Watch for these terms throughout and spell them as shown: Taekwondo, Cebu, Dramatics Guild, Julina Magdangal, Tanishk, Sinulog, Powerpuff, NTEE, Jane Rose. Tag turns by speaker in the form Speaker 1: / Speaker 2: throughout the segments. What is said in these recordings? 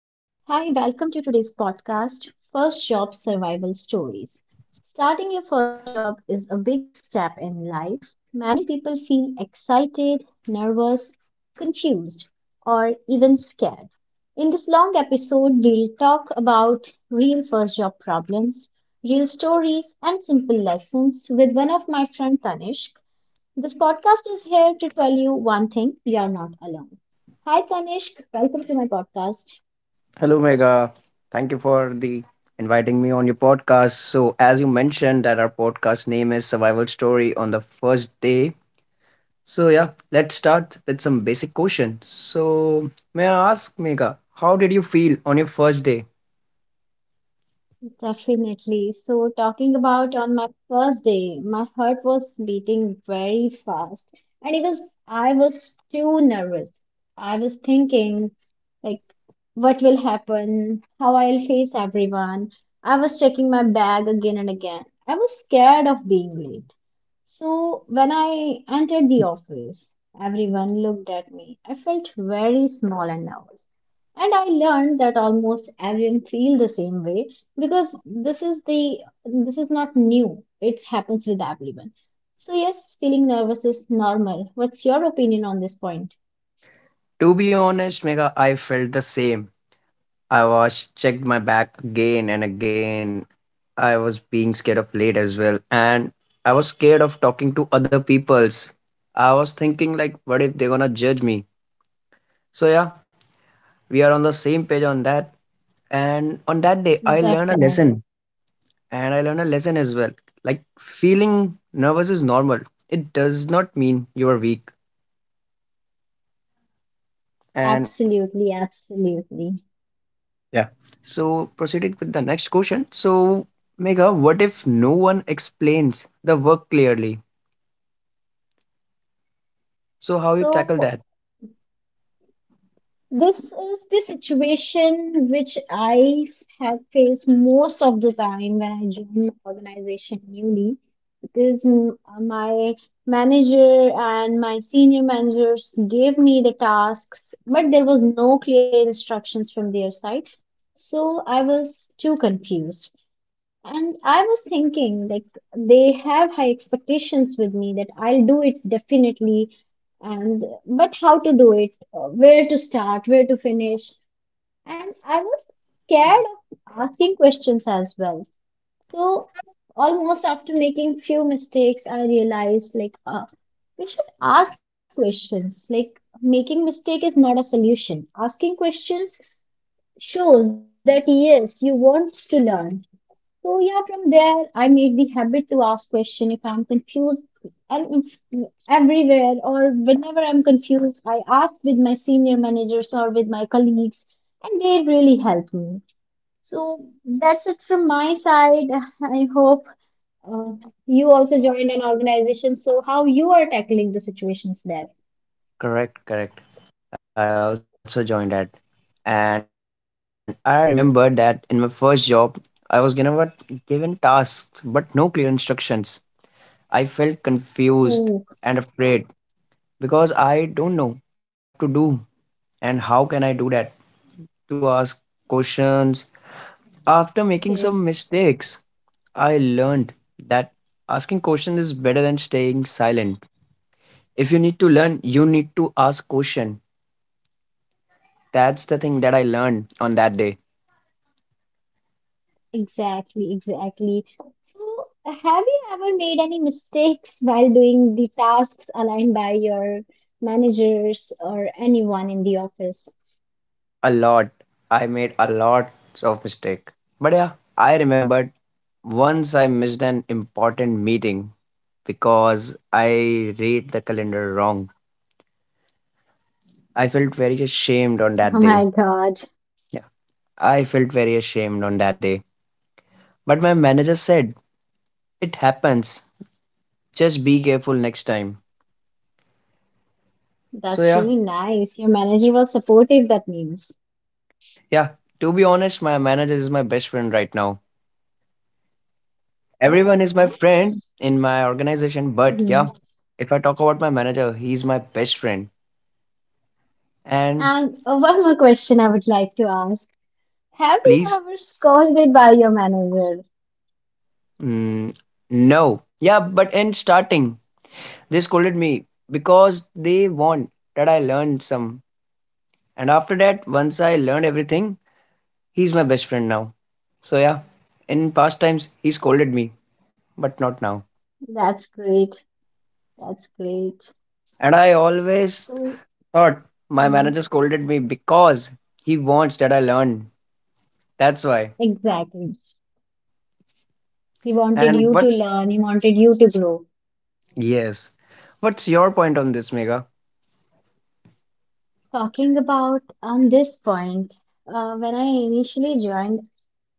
Speaker 1: Hi, welcome to today's podcast, First Job Survival Stories. Starting your first job is a big step in life. Many people feel excited, nervous, confused, or even scared. In this long episode, we'll talk about real first job problems, real stories, and simple lessons with one of my friend Tanishk. This podcast is here to tell you one thing, you are not alone. Hi Tanishk, welcome to my podcast.
Speaker 2: Hello, Mega. Thank you for the inviting me on your podcast. So, as you mentioned, that our podcast name is Survival Story on the first day. So, yeah, let's start with some basic questions. So, may I ask, Mega, how did you feel on your first day?
Speaker 1: Definitely. So, talking about on my first day, my heart was beating very fast, and it was I was too nervous. I was thinking, like, what will happen? How I'll face everyone? I was checking my bag again and again. I was scared of being late. So, when I entered the office, everyone looked at me. I felt very small and nervous. And I learned that almost everyone feel the same way because this is the this is not new, it happens with everyone. So yes, feeling nervous is normal. What's your opinion on this point?
Speaker 2: To be honest, Mega, I felt the same. I was checked my back again and again. I was being scared of late as well, and I was scared of talking to other peoples. I was thinking like, what if they're gonna judge me? So yeah, we are on the same page on that. And on that day,
Speaker 1: Definitely.
Speaker 2: I learned a lesson as well. Like feeling nervous is normal, it does not mean you are weak. And
Speaker 1: Absolutely, absolutely.
Speaker 2: yeah, so, proceeded with the next question. So, Mega, what if no one explains the work clearly? So, how you tackle
Speaker 1: So,
Speaker 2: that?
Speaker 1: this is the situation which I have faced most of the time when I joined my organization newly because my manager and my senior managers gave me the tasks, but there was no clear instructions from their side. So I was too confused. And I was thinking, they have high expectations with me that I'll do it definitely, and but how to do it, where to start, where to finish. And I was scared of asking questions as well. So, almost after making few mistakes, I realized, we should ask questions. Like, making mistake is not a solution. Asking questions shows that yes, you want to learn. So yeah, from there I made the habit to ask question if I'm confused and everywhere or whenever I'm confused, I ask with my senior managers or with my colleagues, and they really help me. So that's it from my side. I hope uh, you also joined an organization. So how you are tackling the situations there?
Speaker 2: Correct, correct. I also joined that. And I remember that in my first job, I was given what given tasks but no clear instructions. I felt confused
Speaker 1: Ooh,
Speaker 2: and afraid because I don't know what I have to do and how can I do that to ask questions. After making some
Speaker 1: okay.
Speaker 2: mistakes, I learned that asking questions is better than staying silent. If you need to learn, you need to ask question. That's the thing that I learned on that day.
Speaker 1: Exactly, exactly. So, have you ever made any mistakes while doing the tasks aligned by your managers or anyone in the office?
Speaker 2: A lot. I made a lot of mistake. But yeah, I remembered once I missed an important meeting because I read the calendar wrong. I felt very
Speaker 1: Oh,
Speaker 2: ashamed on
Speaker 1: oh
Speaker 2: that day.
Speaker 1: my God.
Speaker 2: Yeah, I felt very ashamed on that day. But my manager said, it happens. Just be careful next time. So
Speaker 1: That's
Speaker 2: yeah,
Speaker 1: really nice. Your manager was supportive, that means.
Speaker 2: yeah. To be honest, my manager is my best friend right now.
Speaker 1: Oh,
Speaker 2: Everyone is my
Speaker 1: nice.
Speaker 2: friend in my organization, but
Speaker 1: Hmm.
Speaker 2: yeah, if I talk about my manager, he's my best friend. And
Speaker 1: And one more question I would like to ask. Have you
Speaker 2: please,
Speaker 1: ever scolded by your manager?
Speaker 2: mm, no, yeah, but in starting they scolded me because they want that I learned some, and after that, once I learned everything, he's my best friend now. So yeah, in past times he scolded me, but not now.
Speaker 1: That's great. That's great.
Speaker 2: And I always
Speaker 1: So,
Speaker 2: thought my
Speaker 1: mhm,
Speaker 2: manager scolded me because he wants that I learn. That's why.
Speaker 1: exactly. He wanted
Speaker 2: And
Speaker 1: you to learn, he wanted you to grow.
Speaker 2: yes what's your point on this, Mega?
Speaker 1: Talking about on this point, when I initially joined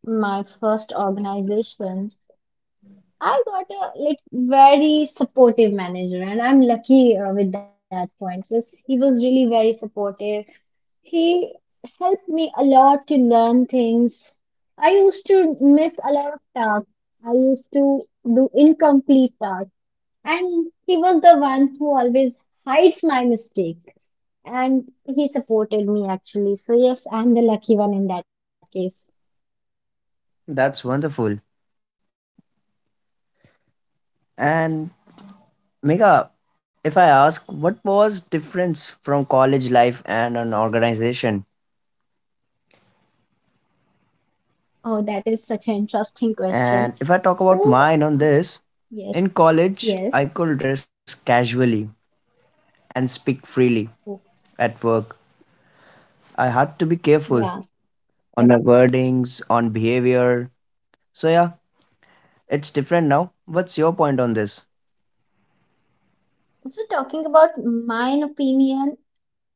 Speaker 1: my first organization, I got a like very supportive manager, and I'm lucky with that point because he was really very supportive. He helped me a lot to learn things. I used to miss a lot of tasks. I used to do incomplete tasks. And he was the one who always hides my mistake. And he supported me actually. So, yes, I'm the lucky one in that case.
Speaker 2: That's wonderful. And Mega, if I ask, what was difference from college life and an organization?
Speaker 1: Oh, that is such an interesting question.
Speaker 2: And if I talk about
Speaker 1: So,
Speaker 2: mine on this,
Speaker 1: yes,
Speaker 2: in college,
Speaker 1: yes,
Speaker 2: I could dress casually and speak freely.
Speaker 1: oh,
Speaker 2: At work, I had to be careful
Speaker 1: yeah.
Speaker 2: on my wordings, on behavior. So yeah, it's different now. What's your point on this?
Speaker 1: So, talking about mine opinion,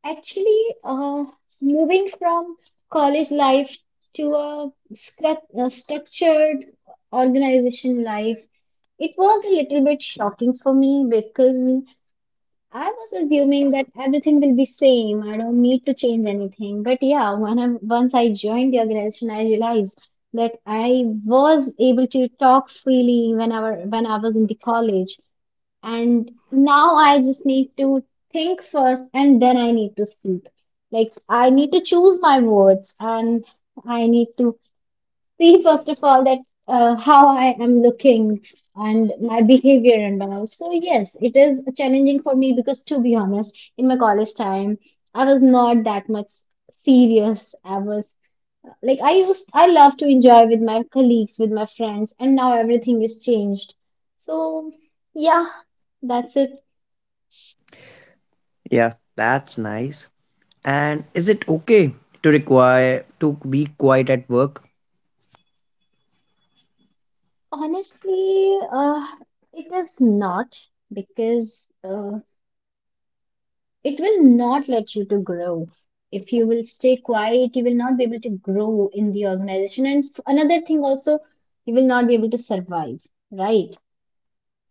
Speaker 1: actually, uh, moving from college life to a, a structured organization life, it was a little bit shocking for me because I was assuming that everything will be same. I don't need to change anything. But yeah, when I once I joined the organization, I realized that I was able to talk freely whenever when I was in the college. And now I just need to think first and then I need to speak. Like I need to choose my words and I need to see first of all that how I am looking and my behavior and all. So yes, it is challenging for me because to be honest, in my college time, I was not that much serious. I was I love to enjoy with my colleagues, with my friends, and now everything is changed. So yeah, that's it.
Speaker 2: Yeah, that's nice. And is it okay to require to be quiet at work?
Speaker 1: Honestly, it is not, because it will not let you to grow. If you will stay quiet, you will not be able to grow in the organization. And another thing also, you will not be able to survive, right?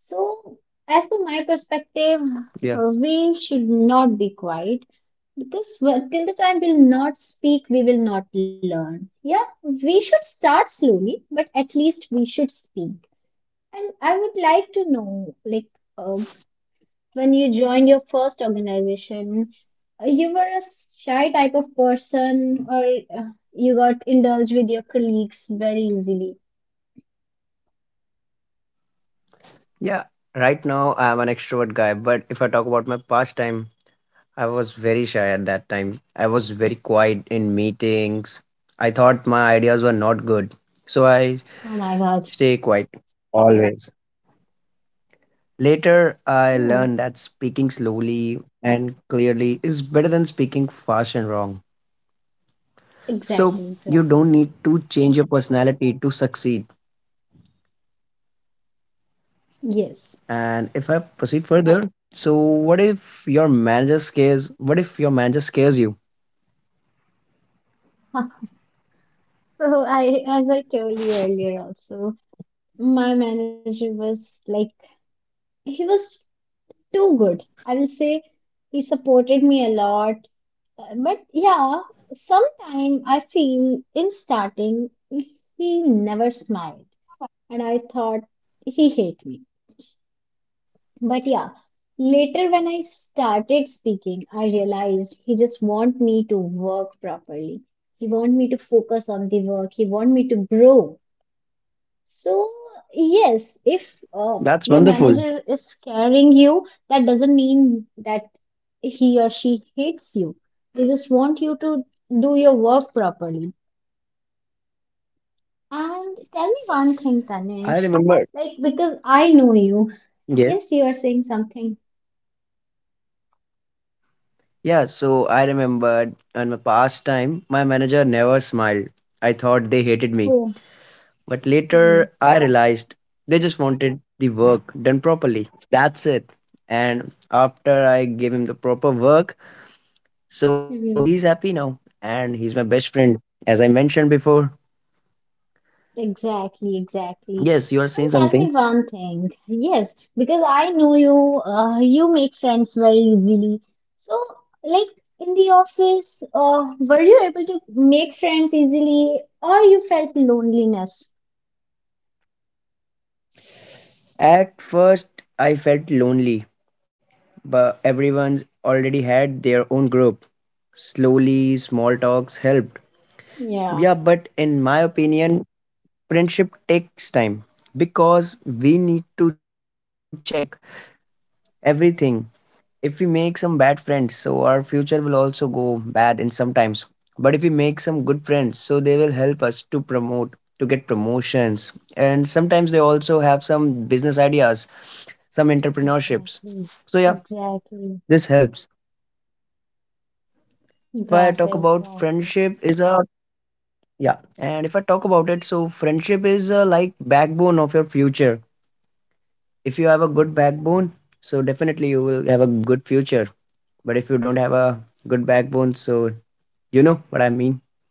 Speaker 1: So, as per
Speaker 2: Yeah.
Speaker 1: my perspective, we should not be quiet because well, till the time we'll not speak, we will not learn. Yeah, we should start slowly, but at least we should speak. And I would like to know, uh, when you joined your first organization, you were a shy type of person or you got indulged with your colleagues very easily.
Speaker 2: Yeah, right now I'm an extrovert guy, but if I talk about my past time, I was very shy at that time. I was very quiet in meetings. I thought my ideas were not good, so I
Speaker 1: Oh my God.
Speaker 2: stay quiet. Always. Later, I
Speaker 1: Oh,
Speaker 2: learned that speaking slowly and clearly is better than speaking fast and wrong.
Speaker 1: exactly,
Speaker 2: So, you don't
Speaker 1: exactly.
Speaker 2: need to change your personality to succeed.
Speaker 1: Yes.
Speaker 2: And if I proceed further, so what if your manager scares you?
Speaker 1: So I, as I told you earlier also, my manager was like, he was too good. I will say he supported me a lot. But yeah, sometime I feel in starting he never smiled and I thought he hate me. But yeah, later when I started speaking, I realized he just want me to work properly. He want me to focus on the work. He want me to grow. So, yes, if
Speaker 2: That's
Speaker 1: your
Speaker 2: wonderful.
Speaker 1: manager is scaring you, that doesn't mean that he or she hates you. They just want you to do your work properly. And tell me one thing,
Speaker 2: I
Speaker 1: Tanishk.
Speaker 2: remember.
Speaker 1: Like because I know you.
Speaker 2: Yes.
Speaker 1: Yes, you are saying something.
Speaker 2: Yeah, so I remembered in my past time, my manager never smiled. I thought they hated me.
Speaker 1: Oh,
Speaker 2: But
Speaker 1: mhm,
Speaker 2: later, I realized they just wanted the work done properly. That's it. And after I gave him the proper work, so he's happy
Speaker 1: mhm.
Speaker 2: now. And he's my best friend. As I mentioned before,
Speaker 1: Exactly,
Speaker 2: yes, you
Speaker 1: exactly.
Speaker 2: are saying
Speaker 1: And
Speaker 2: something.
Speaker 1: tell me one thing. Yes, because I know you, you make friends very easily. So, like in the office, were you able to make friends easily or you felt loneliness?
Speaker 2: At first, I felt lonely but everyone's already had their own group. Slowly, small talks helped. Yeah,
Speaker 1: Yeah,
Speaker 2: but in my opinion, friendship takes time because we need to check everything. If we make some bad friends, so our future will also go bad in sometimes. But if we make some good friends, so they will help us to promote, to get promotions, and sometimes they also have some business ideas, some entrepreneurships.
Speaker 1: exactly.
Speaker 2: So yeah,
Speaker 1: Exactly.
Speaker 2: this helps. If I
Speaker 1: Got
Speaker 2: talk
Speaker 1: it,
Speaker 2: about
Speaker 1: got it.
Speaker 2: friendship is a yeah, and if I talk about it, so friendship is like backbone of your future. If you have a good backbone, so definitely you will have a good future. But if you don't have a good backbone, so you know what I mean.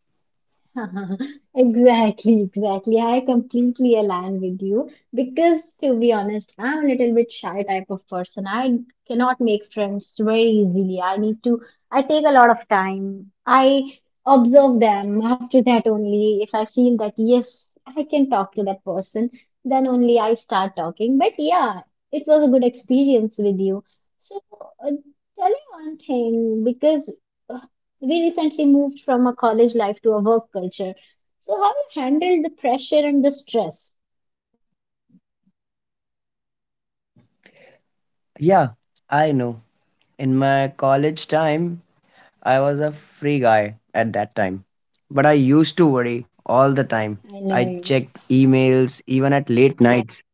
Speaker 1: Exactly, exactly. I completely align with you because, to be honest, I'm a little bit shy type of person. I cannot make friends very easily. I take a lot of time. I observe them. After that, only if I feel that, yes, I can talk to that person, then only I start talking. But yeah, it was a good experience with you. So, tell me one thing because uh, we recently moved from a college life to a work culture. So how you handle the pressure and the stress?
Speaker 2: Yeah, I know. In my college time, I was a free guy at that time, but I used to worry all the time.
Speaker 1: I know
Speaker 2: I
Speaker 1: you.
Speaker 2: checked emails even at late nights.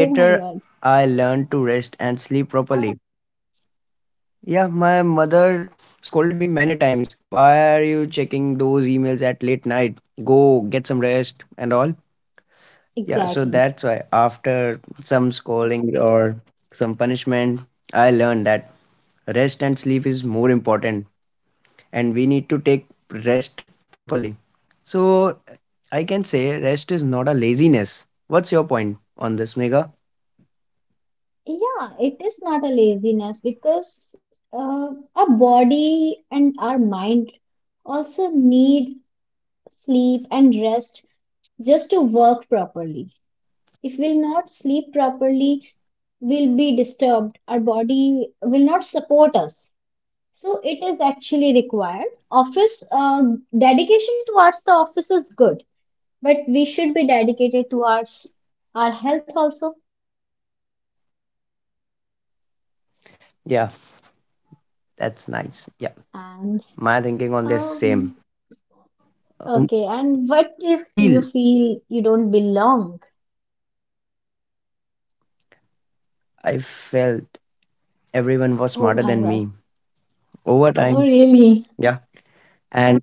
Speaker 1: Oh my God.
Speaker 2: I learned to rest and sleep properly. Yeah, my mother scolded me many times. Why are you checking those emails at late night? Go get some rest and all. Yeah, so
Speaker 1: Exactly.
Speaker 2: that's why after some scolding or some punishment, I learned that rest and sleep is more important and we need to take rest properly. So I can say rest is not a laziness. What's your point on this, Mega?
Speaker 1: Yeah, it is not a laziness because our body and our mind also need sleep and rest just to work properly. If we'll not sleep properly, we'll be disturbed. Our body will not support us. So it is actually required. Office Dedication towards the office is good, but we should be dedicated towards our health also.
Speaker 2: Yeah, that's nice. Yeah,
Speaker 1: And
Speaker 2: my thinking on this same.
Speaker 1: um,
Speaker 2: Um,
Speaker 1: okay. And what
Speaker 2: what do you
Speaker 1: if you
Speaker 2: feel?
Speaker 1: feel you don't belong?
Speaker 2: I felt everyone was
Speaker 1: Oh
Speaker 2: smarter
Speaker 1: my
Speaker 2: than
Speaker 1: God.
Speaker 2: me. Over
Speaker 1: Oh
Speaker 2: time,
Speaker 1: really?
Speaker 2: yeah. And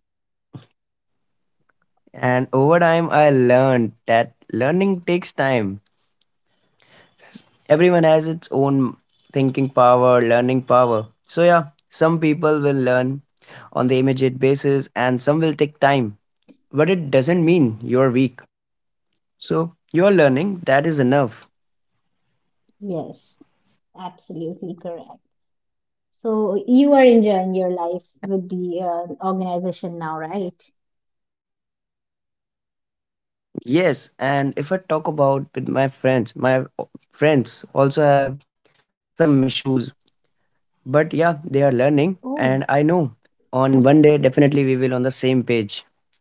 Speaker 2: and over time I learned that learning takes time. Everyone has its own thinking power, learning power. So yeah, some people will learn on the immediate basis and some will take time. But it doesn't mean you're weak. So you're learning, that is enough.
Speaker 1: Yes, absolutely correct. So you are enjoying your life with the organization now, right?
Speaker 2: Yes, and if I talk about with my friends, my o- friends also have some issues. But yeah, they are
Speaker 1: Oh
Speaker 2: learning, and I know on one day definitely we will on the same page.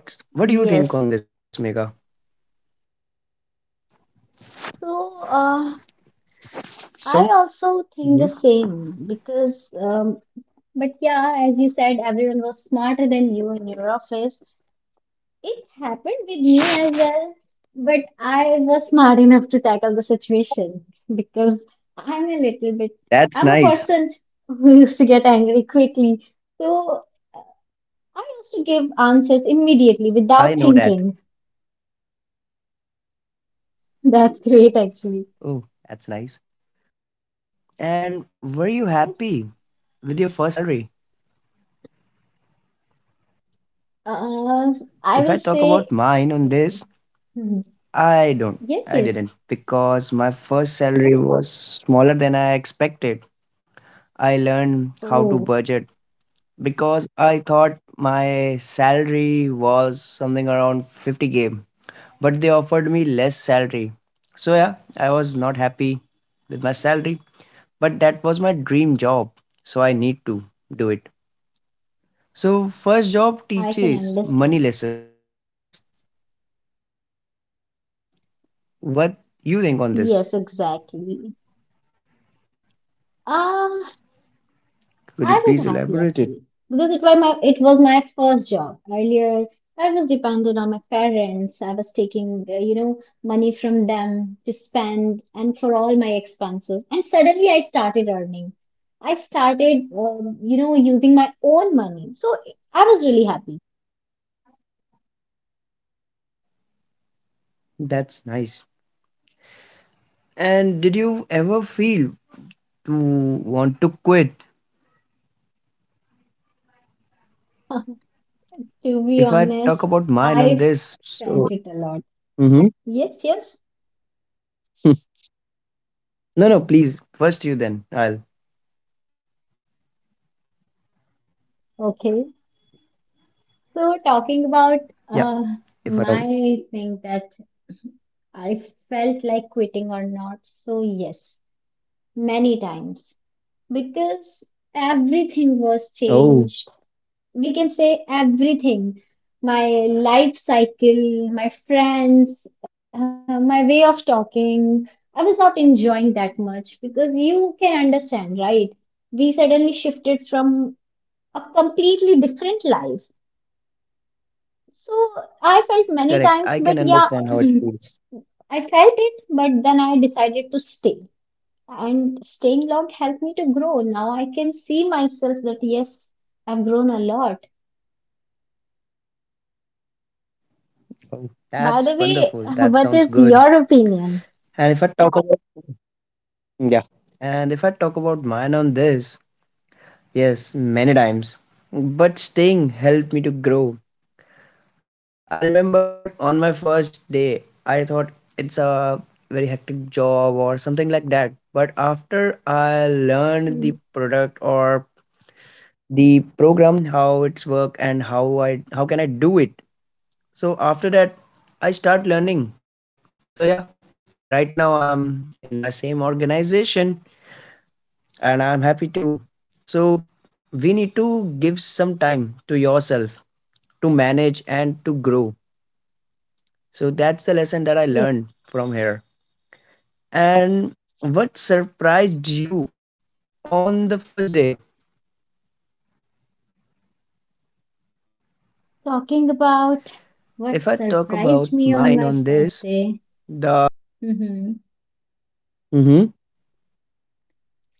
Speaker 2: What do
Speaker 1: yes.
Speaker 2: you think on this, Mega?
Speaker 1: So,
Speaker 2: So,
Speaker 1: I also think the
Speaker 2: mhm.
Speaker 1: same because, but yeah, as you said, everyone was smarter than you in your office. It happened with me as well, but I was smart enough to tackle the situation because I'm a little bit, I'm a
Speaker 2: That's
Speaker 1: person
Speaker 2: nice.
Speaker 1: who used to get angry quickly. So I used to give answers immediately without
Speaker 2: I know that.
Speaker 1: thinking. That's great, actually.
Speaker 2: Oh, that's nice. And were you happy
Speaker 1: Yes,
Speaker 2: with your first salary?
Speaker 1: uh, I
Speaker 2: If
Speaker 1: will
Speaker 2: I talk
Speaker 1: say,
Speaker 2: about mine on this,
Speaker 1: mhm,
Speaker 2: I don't.
Speaker 1: yes,
Speaker 2: I
Speaker 1: yes.
Speaker 2: didn't because my first salary was smaller than I expected. I learned how to
Speaker 1: Oh.
Speaker 2: budget because I thought my salary was something around 50K, but they offered me less salary. So yeah, I was not happy with my salary, but that was my dream job, so I need to do it. So first
Speaker 1: I
Speaker 2: job
Speaker 1: can
Speaker 2: teaches
Speaker 1: understand.
Speaker 2: money lessons. What you think on
Speaker 1: Yes,
Speaker 2: this?
Speaker 1: exactly. Ah, I
Speaker 2: Could you
Speaker 1: was
Speaker 2: please
Speaker 1: happy
Speaker 2: elaborate
Speaker 1: actually
Speaker 2: it?
Speaker 1: because it was my first job. Earlier, I was dependent on my parents. I was taking, you know, money from them to spend and for all my expenses. And suddenly, I started earning. I started, you know, using my own money. So I was really happy.
Speaker 2: That's nice. And did you ever feel to want to quit? If I
Speaker 1: To
Speaker 2: talk
Speaker 1: be
Speaker 2: about mine on
Speaker 1: honest,
Speaker 2: this,
Speaker 1: I
Speaker 2: so
Speaker 1: felt it a lot.
Speaker 2: mhm.
Speaker 1: Yes, yes.
Speaker 2: No, no, please. First you, then I'll.
Speaker 1: Okay. So, talking
Speaker 2: Yeah,
Speaker 1: about
Speaker 2: if
Speaker 1: uh,
Speaker 2: I don't.
Speaker 1: my thing that I felt like quitting or not, so yes, many times because everything
Speaker 2: Oh,
Speaker 1: was changed. We can say everything my life cycle, my friends, my way of talking. I was not enjoying that much because you can understand, right? We suddenly shifted from a completely different life. So I felt many
Speaker 2: correct.
Speaker 1: times,
Speaker 2: I
Speaker 1: but
Speaker 2: can
Speaker 1: yeah,
Speaker 2: understand how it feels.
Speaker 1: I felt it, but then I decided to stay. And staying long helped me to grow. Now I can see myself that yes, I've grown a lot.
Speaker 2: Oh,
Speaker 1: By the
Speaker 2: that's
Speaker 1: way,
Speaker 2: wonderful. That
Speaker 1: what
Speaker 2: sounds
Speaker 1: is
Speaker 2: good.
Speaker 1: your opinion?
Speaker 2: And if I talk about. Yeah. And if I talk about mine on this, yes, many times. But staying helped me to grow. I remembered on my first day, I thought it's a very hectic job or something like that. But after I learned
Speaker 1: Hmm.
Speaker 2: the product or the program how it's work and how can I do it, so after that I start learning. So yeah, right now I'm in my same organization, and I'm happy too. So we need to give some time to yourself to manage and to grow. So that's the lesson
Speaker 1: Yes.
Speaker 2: that I learned from here. And what surprised you on the first day?
Speaker 1: Talking about what
Speaker 2: If I talk about
Speaker 1: surprised me on
Speaker 2: mine
Speaker 1: my
Speaker 2: on
Speaker 1: first
Speaker 2: this,
Speaker 1: day.
Speaker 2: the
Speaker 1: Hmm.
Speaker 2: mhm.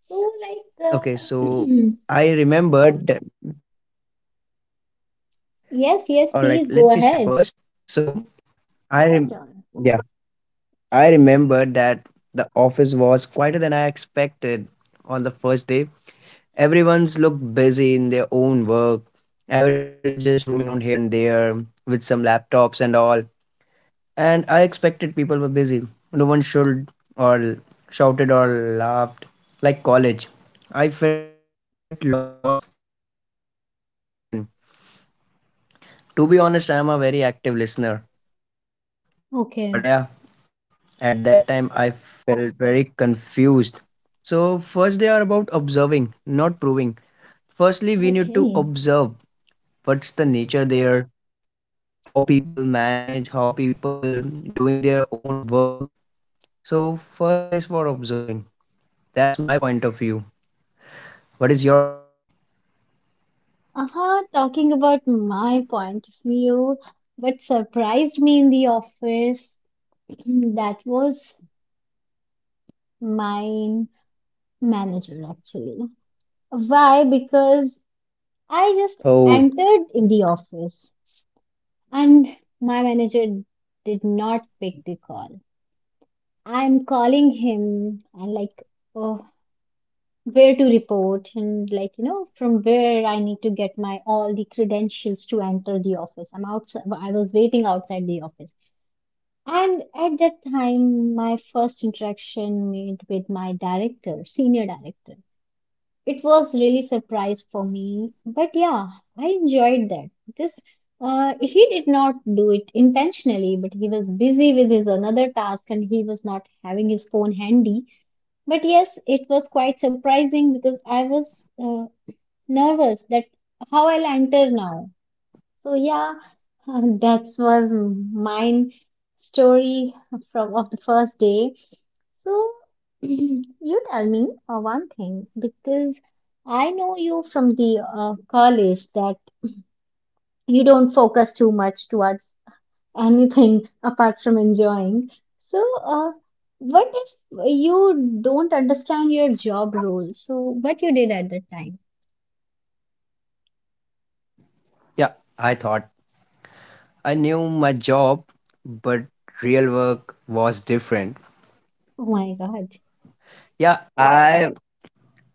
Speaker 1: So,
Speaker 2: Okay, so I remembered that
Speaker 1: yes, yes,
Speaker 2: All
Speaker 1: please
Speaker 2: right,
Speaker 1: go
Speaker 2: let me say
Speaker 1: ahead.
Speaker 2: first. So I rem-
Speaker 1: Sure.
Speaker 2: yeah, I remembered that the office was quieter than I expected on the first day. Everyone's looked busy in their own work. Everyone is just roaming around here and there with some laptops and all. And I expected people were busy. No one should or shouted or laughed like college. I felt lost, but tried to smile and listen. To be honest, I am a very active listener. But yeah,
Speaker 1: Okay.
Speaker 2: at that time I felt very confused. So, first they are about observing, not proving. Firstly, we need to observe
Speaker 1: Okay.
Speaker 2: what's the nature there, how people manage, how people doing their own work. So, first day is for observing. That's my point of view. What is your? I really want to know.
Speaker 1: Uh-huh, talking about my point of view, what surprised me in the office, that was my manager actually. Why? Because I
Speaker 2: Oh,
Speaker 1: just entered in the office and my manager did not pick the call. I'm calling him and like, oh, where to report and like, you know, from where I need to get my all the credentials to enter the office. I'm outside, I was waiting outside the office. And at that time, my first interaction made with my director, senior director. It was really surprise for me, but yeah, I enjoyed that because he did not do it intentionally, but he was busy with his another task and he was not having his phone handy. But yes, it was quite surprising because I was nervous that how I'll enter now. So yeah, that was mine story from of the first day. So you tell me one thing because I know you from the college that you don't focus too much towards anything apart from enjoying. So what if you don't understand your job role? So what you did at that time?
Speaker 2: yeah, I thought I knew my job, but real work was different.
Speaker 1: Oh my God.
Speaker 2: Yeah, I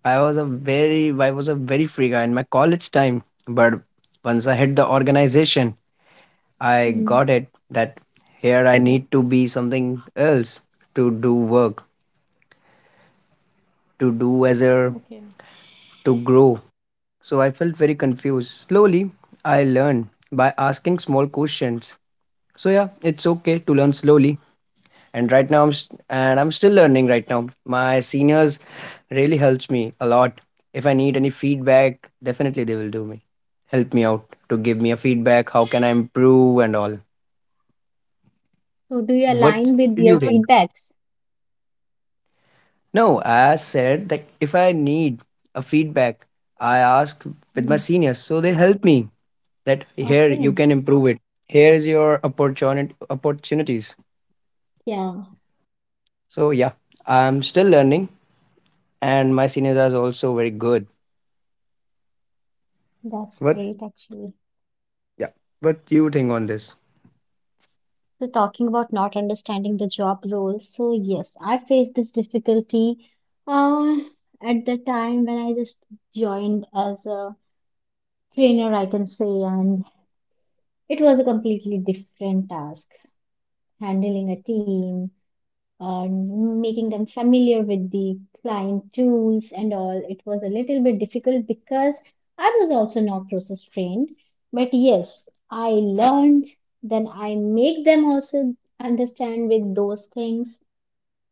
Speaker 2: I was a very I was a very free guy in my college time, but once I hit the organization, I
Speaker 1: Hmm.
Speaker 2: got it that here I need to be something else to do work, to do as a
Speaker 1: Okay.
Speaker 2: to grow. So I felt very confused. Slowly, I learned by asking small questions. So yeah, it's okay to learn slowly and I'm still learning right now. My seniors really helps me a lot. If I need any feedback, definitely they will do me help me out to give me a feedback how can I improve and all.
Speaker 1: So do you align with your
Speaker 2: What do you
Speaker 1: feedbacks?
Speaker 2: think? No, I said that if I need a feedback, I
Speaker 1: Hmm.
Speaker 2: ask with my seniors, so they help me that
Speaker 1: Okay.
Speaker 2: here you can improve it, here is your opportunity opportunities.
Speaker 1: Yeah,
Speaker 2: So yeah, I'm still learning and my seniors are also very good.
Speaker 1: that's great actually.
Speaker 2: What? Yeah. What do you think on this?
Speaker 1: So talking about not understanding the job role. So yes, I faced this difficulty uh, at the time when I just joined as a trainer, I can say, and it was a completely different task, handling a team, making them familiar with the client tools and all. It was a little bit difficult because I was also not process trained. But yes, I learned, then I make them also understand with those things.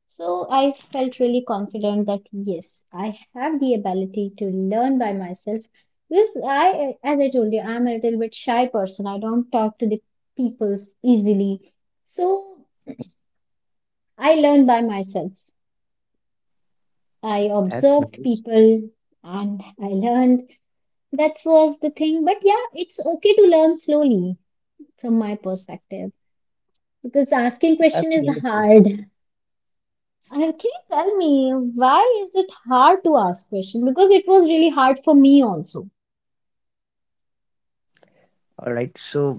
Speaker 1: So I felt really confident that yes, I have the ability to learn by myself. Because I, as I told you, I'm a little bit shy person. I don't talk to the people easily. So I learned by myself. I observed
Speaker 2: That's
Speaker 1: people
Speaker 2: nice.
Speaker 1: and I learned. That was the thing. But yeah, it's okay to learn slowly from my perspective because asking question is
Speaker 2: That's
Speaker 1: hard.
Speaker 2: wonderful.
Speaker 1: Can you tell me why is it hard to ask question? Because it was really hard for me also.
Speaker 2: All right. So,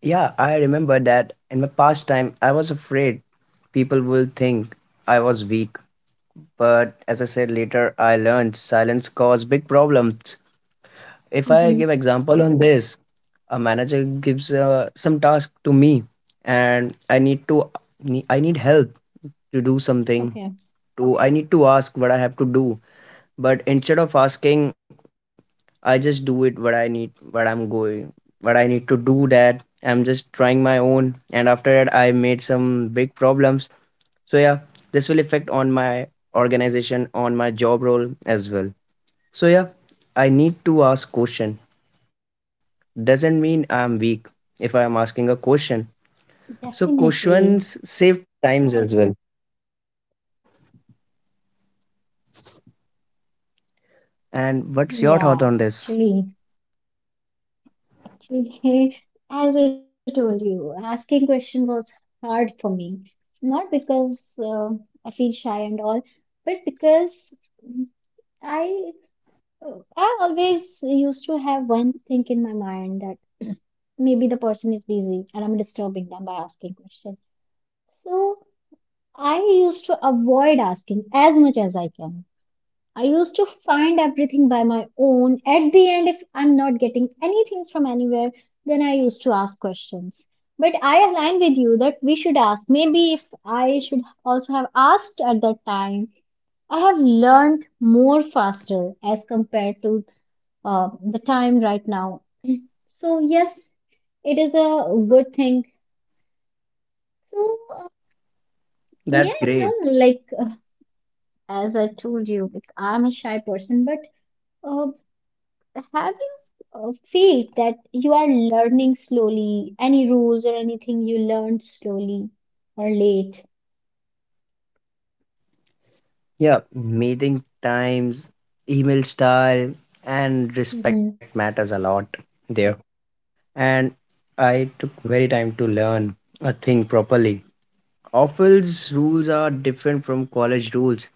Speaker 2: yeah, I remember that in my past time, I was afraid people will think I was weak. But as I said later, I learned silence cause big problems.
Speaker 1: Mm-hmm.
Speaker 2: If I give example on this, a manager gives some task to me and I need to I need help to
Speaker 1: Okay.
Speaker 2: do something. To I need to ask what I have to do. But instead of asking I just do it what I need, what I need to do that. I'm just trying my own, and after that, I made some big problems. So yeah, this will affect on my organization, on my job role as well. So yeah, I need to ask question. Doesn't mean I'm weak if I am asking a question. So
Speaker 1: Definitely.
Speaker 2: questions save times as well. And what's
Speaker 1: Yeah,
Speaker 2: your thought on
Speaker 1: actually.
Speaker 2: this?
Speaker 1: Okay, as I told you, asking question was hard for me. Not because I feel shy and all, but because mm, I I always used to have one thing in my mind that maybe the person is busy and I'm disturbing them by asking question. So I used to avoid asking as much as I can. I used to find everything by my own. At the end, if I'm not getting anything from anywhere, then I used to ask questions. But I align with you that we should ask. Maybe if I should also have asked at that time, I have learned more faster as compared to the time right now. So, yes, it is a good thing. So,
Speaker 2: That's
Speaker 1: may I
Speaker 2: great.
Speaker 1: know, like, as I told you, like, I'm a shy person, but uh, have you feel that you are learning slowly? Any rules or anything you learned slowly or late?
Speaker 2: Yeah, meeting times, email style, and respect
Speaker 1: Mm-hmm.
Speaker 2: matters a lot there. And I took very time to learn a thing properly. Office rules are different from college rules.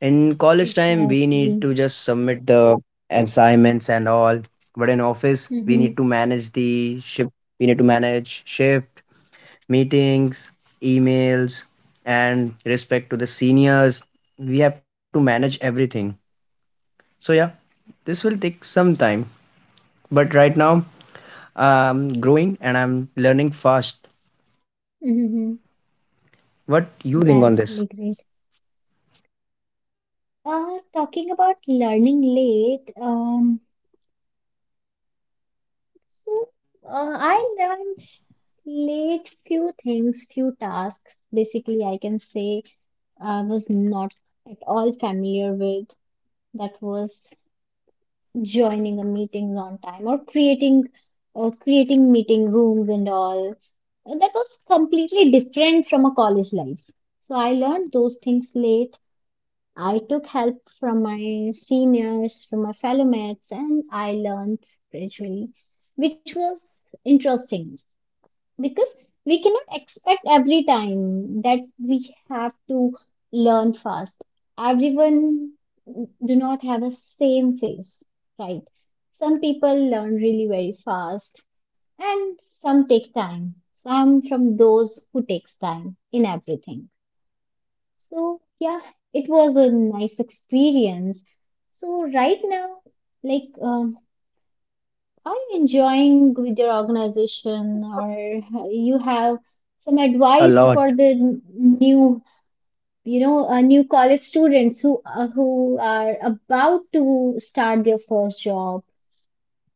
Speaker 2: In college time, we need
Speaker 1: Exactly.
Speaker 2: to just submit the assignments and all. But in office, we
Speaker 1: Mm-hmm.
Speaker 2: need to manage the shift. We need to manage shift, meetings, emails, and respect to the seniors. We have to manage everything. So yeah, this will take some time, but right now I'm growing and I'm learning fast.
Speaker 1: Mm-hmm.
Speaker 2: What you think on this?
Speaker 1: That's really great. Talking about learning late, so I learned late few things, few tasks. Basically, I can say I was not at all familiar with. That was joining a meetings on time or creating creating meeting rooms and all. And that was completely different from a college life, so I learned those things late. I took help from my seniors, from my fellow mates, and I learned gradually, which was interesting because we cannot expect every time that we have to learn fast. Everyone do not have a same phase, right? Some people learn really very fast, and some take time, so I'm from those who takes time in everything. So yeah, it was a nice experience. So right now, like, are you enjoying with your organization, or you have some
Speaker 2: A
Speaker 1: advice for
Speaker 2: lot.
Speaker 1: the new, you know, new college students who are about to start their first job?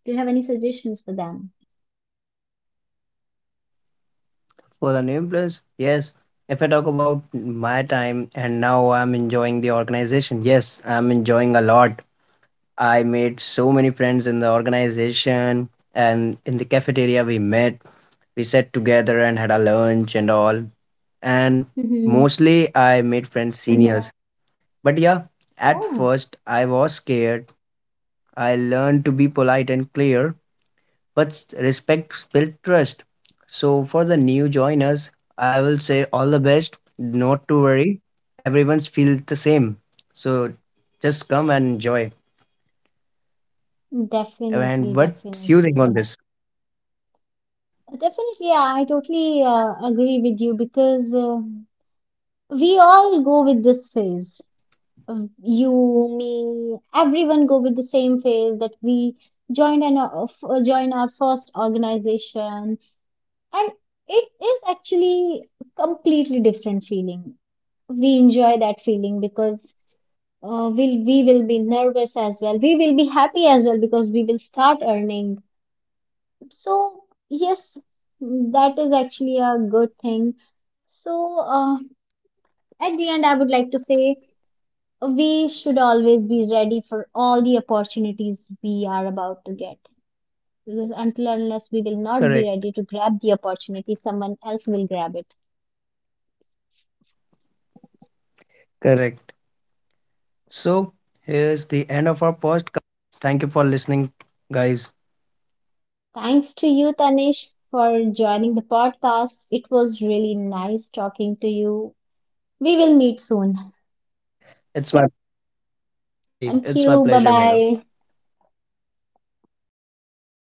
Speaker 1: Do you have any suggestions for them?
Speaker 2: For the new place, yes. If I talk about my time and now I'm enjoying the organization, yes, I'm enjoying a lot. I made so many friends in the organization and in the cafeteria we met. We sat together and had a lunch and all. And
Speaker 1: Hmm.
Speaker 2: mostly I made friends seniors. But yeah, at
Speaker 1: Oh,
Speaker 2: first I was scared I learned to be polite and clear, but respect builds trust. So for the new joiners, I will say all the best. Not to worry, everyone's feels the same. So just come and enjoy.
Speaker 1: definitely,
Speaker 2: And what you think
Speaker 1: definitely.
Speaker 2: on this?
Speaker 1: Definitely, yeah, I totally agree with you because we all go with this phase. You, me, everyone go with the same phase that we joined an join our first organization, and it is actually a completely different feeling. We enjoy that feeling because we will be nervous as well. We will be happy as well because we will start earning. So yes, that is actually a good thing. So at the end, I would like to say we should always be ready for all the opportunities we are about to get, because until and unless we will not be ready to
Speaker 2: Correct,
Speaker 1: grab the opportunity, someone else will grab it.
Speaker 2: correct. So here's the end of our post. Thank you for listening, guys.
Speaker 1: Thanks to you, Tanish, for joining the podcast. It was really nice talking to you. We will meet soon.
Speaker 2: It's my Definitely
Speaker 1: Thank
Speaker 2: it's
Speaker 1: you.
Speaker 2: my
Speaker 1: Bye
Speaker 2: pleasure, Mega.
Speaker 1: bye.
Speaker 2: Bye.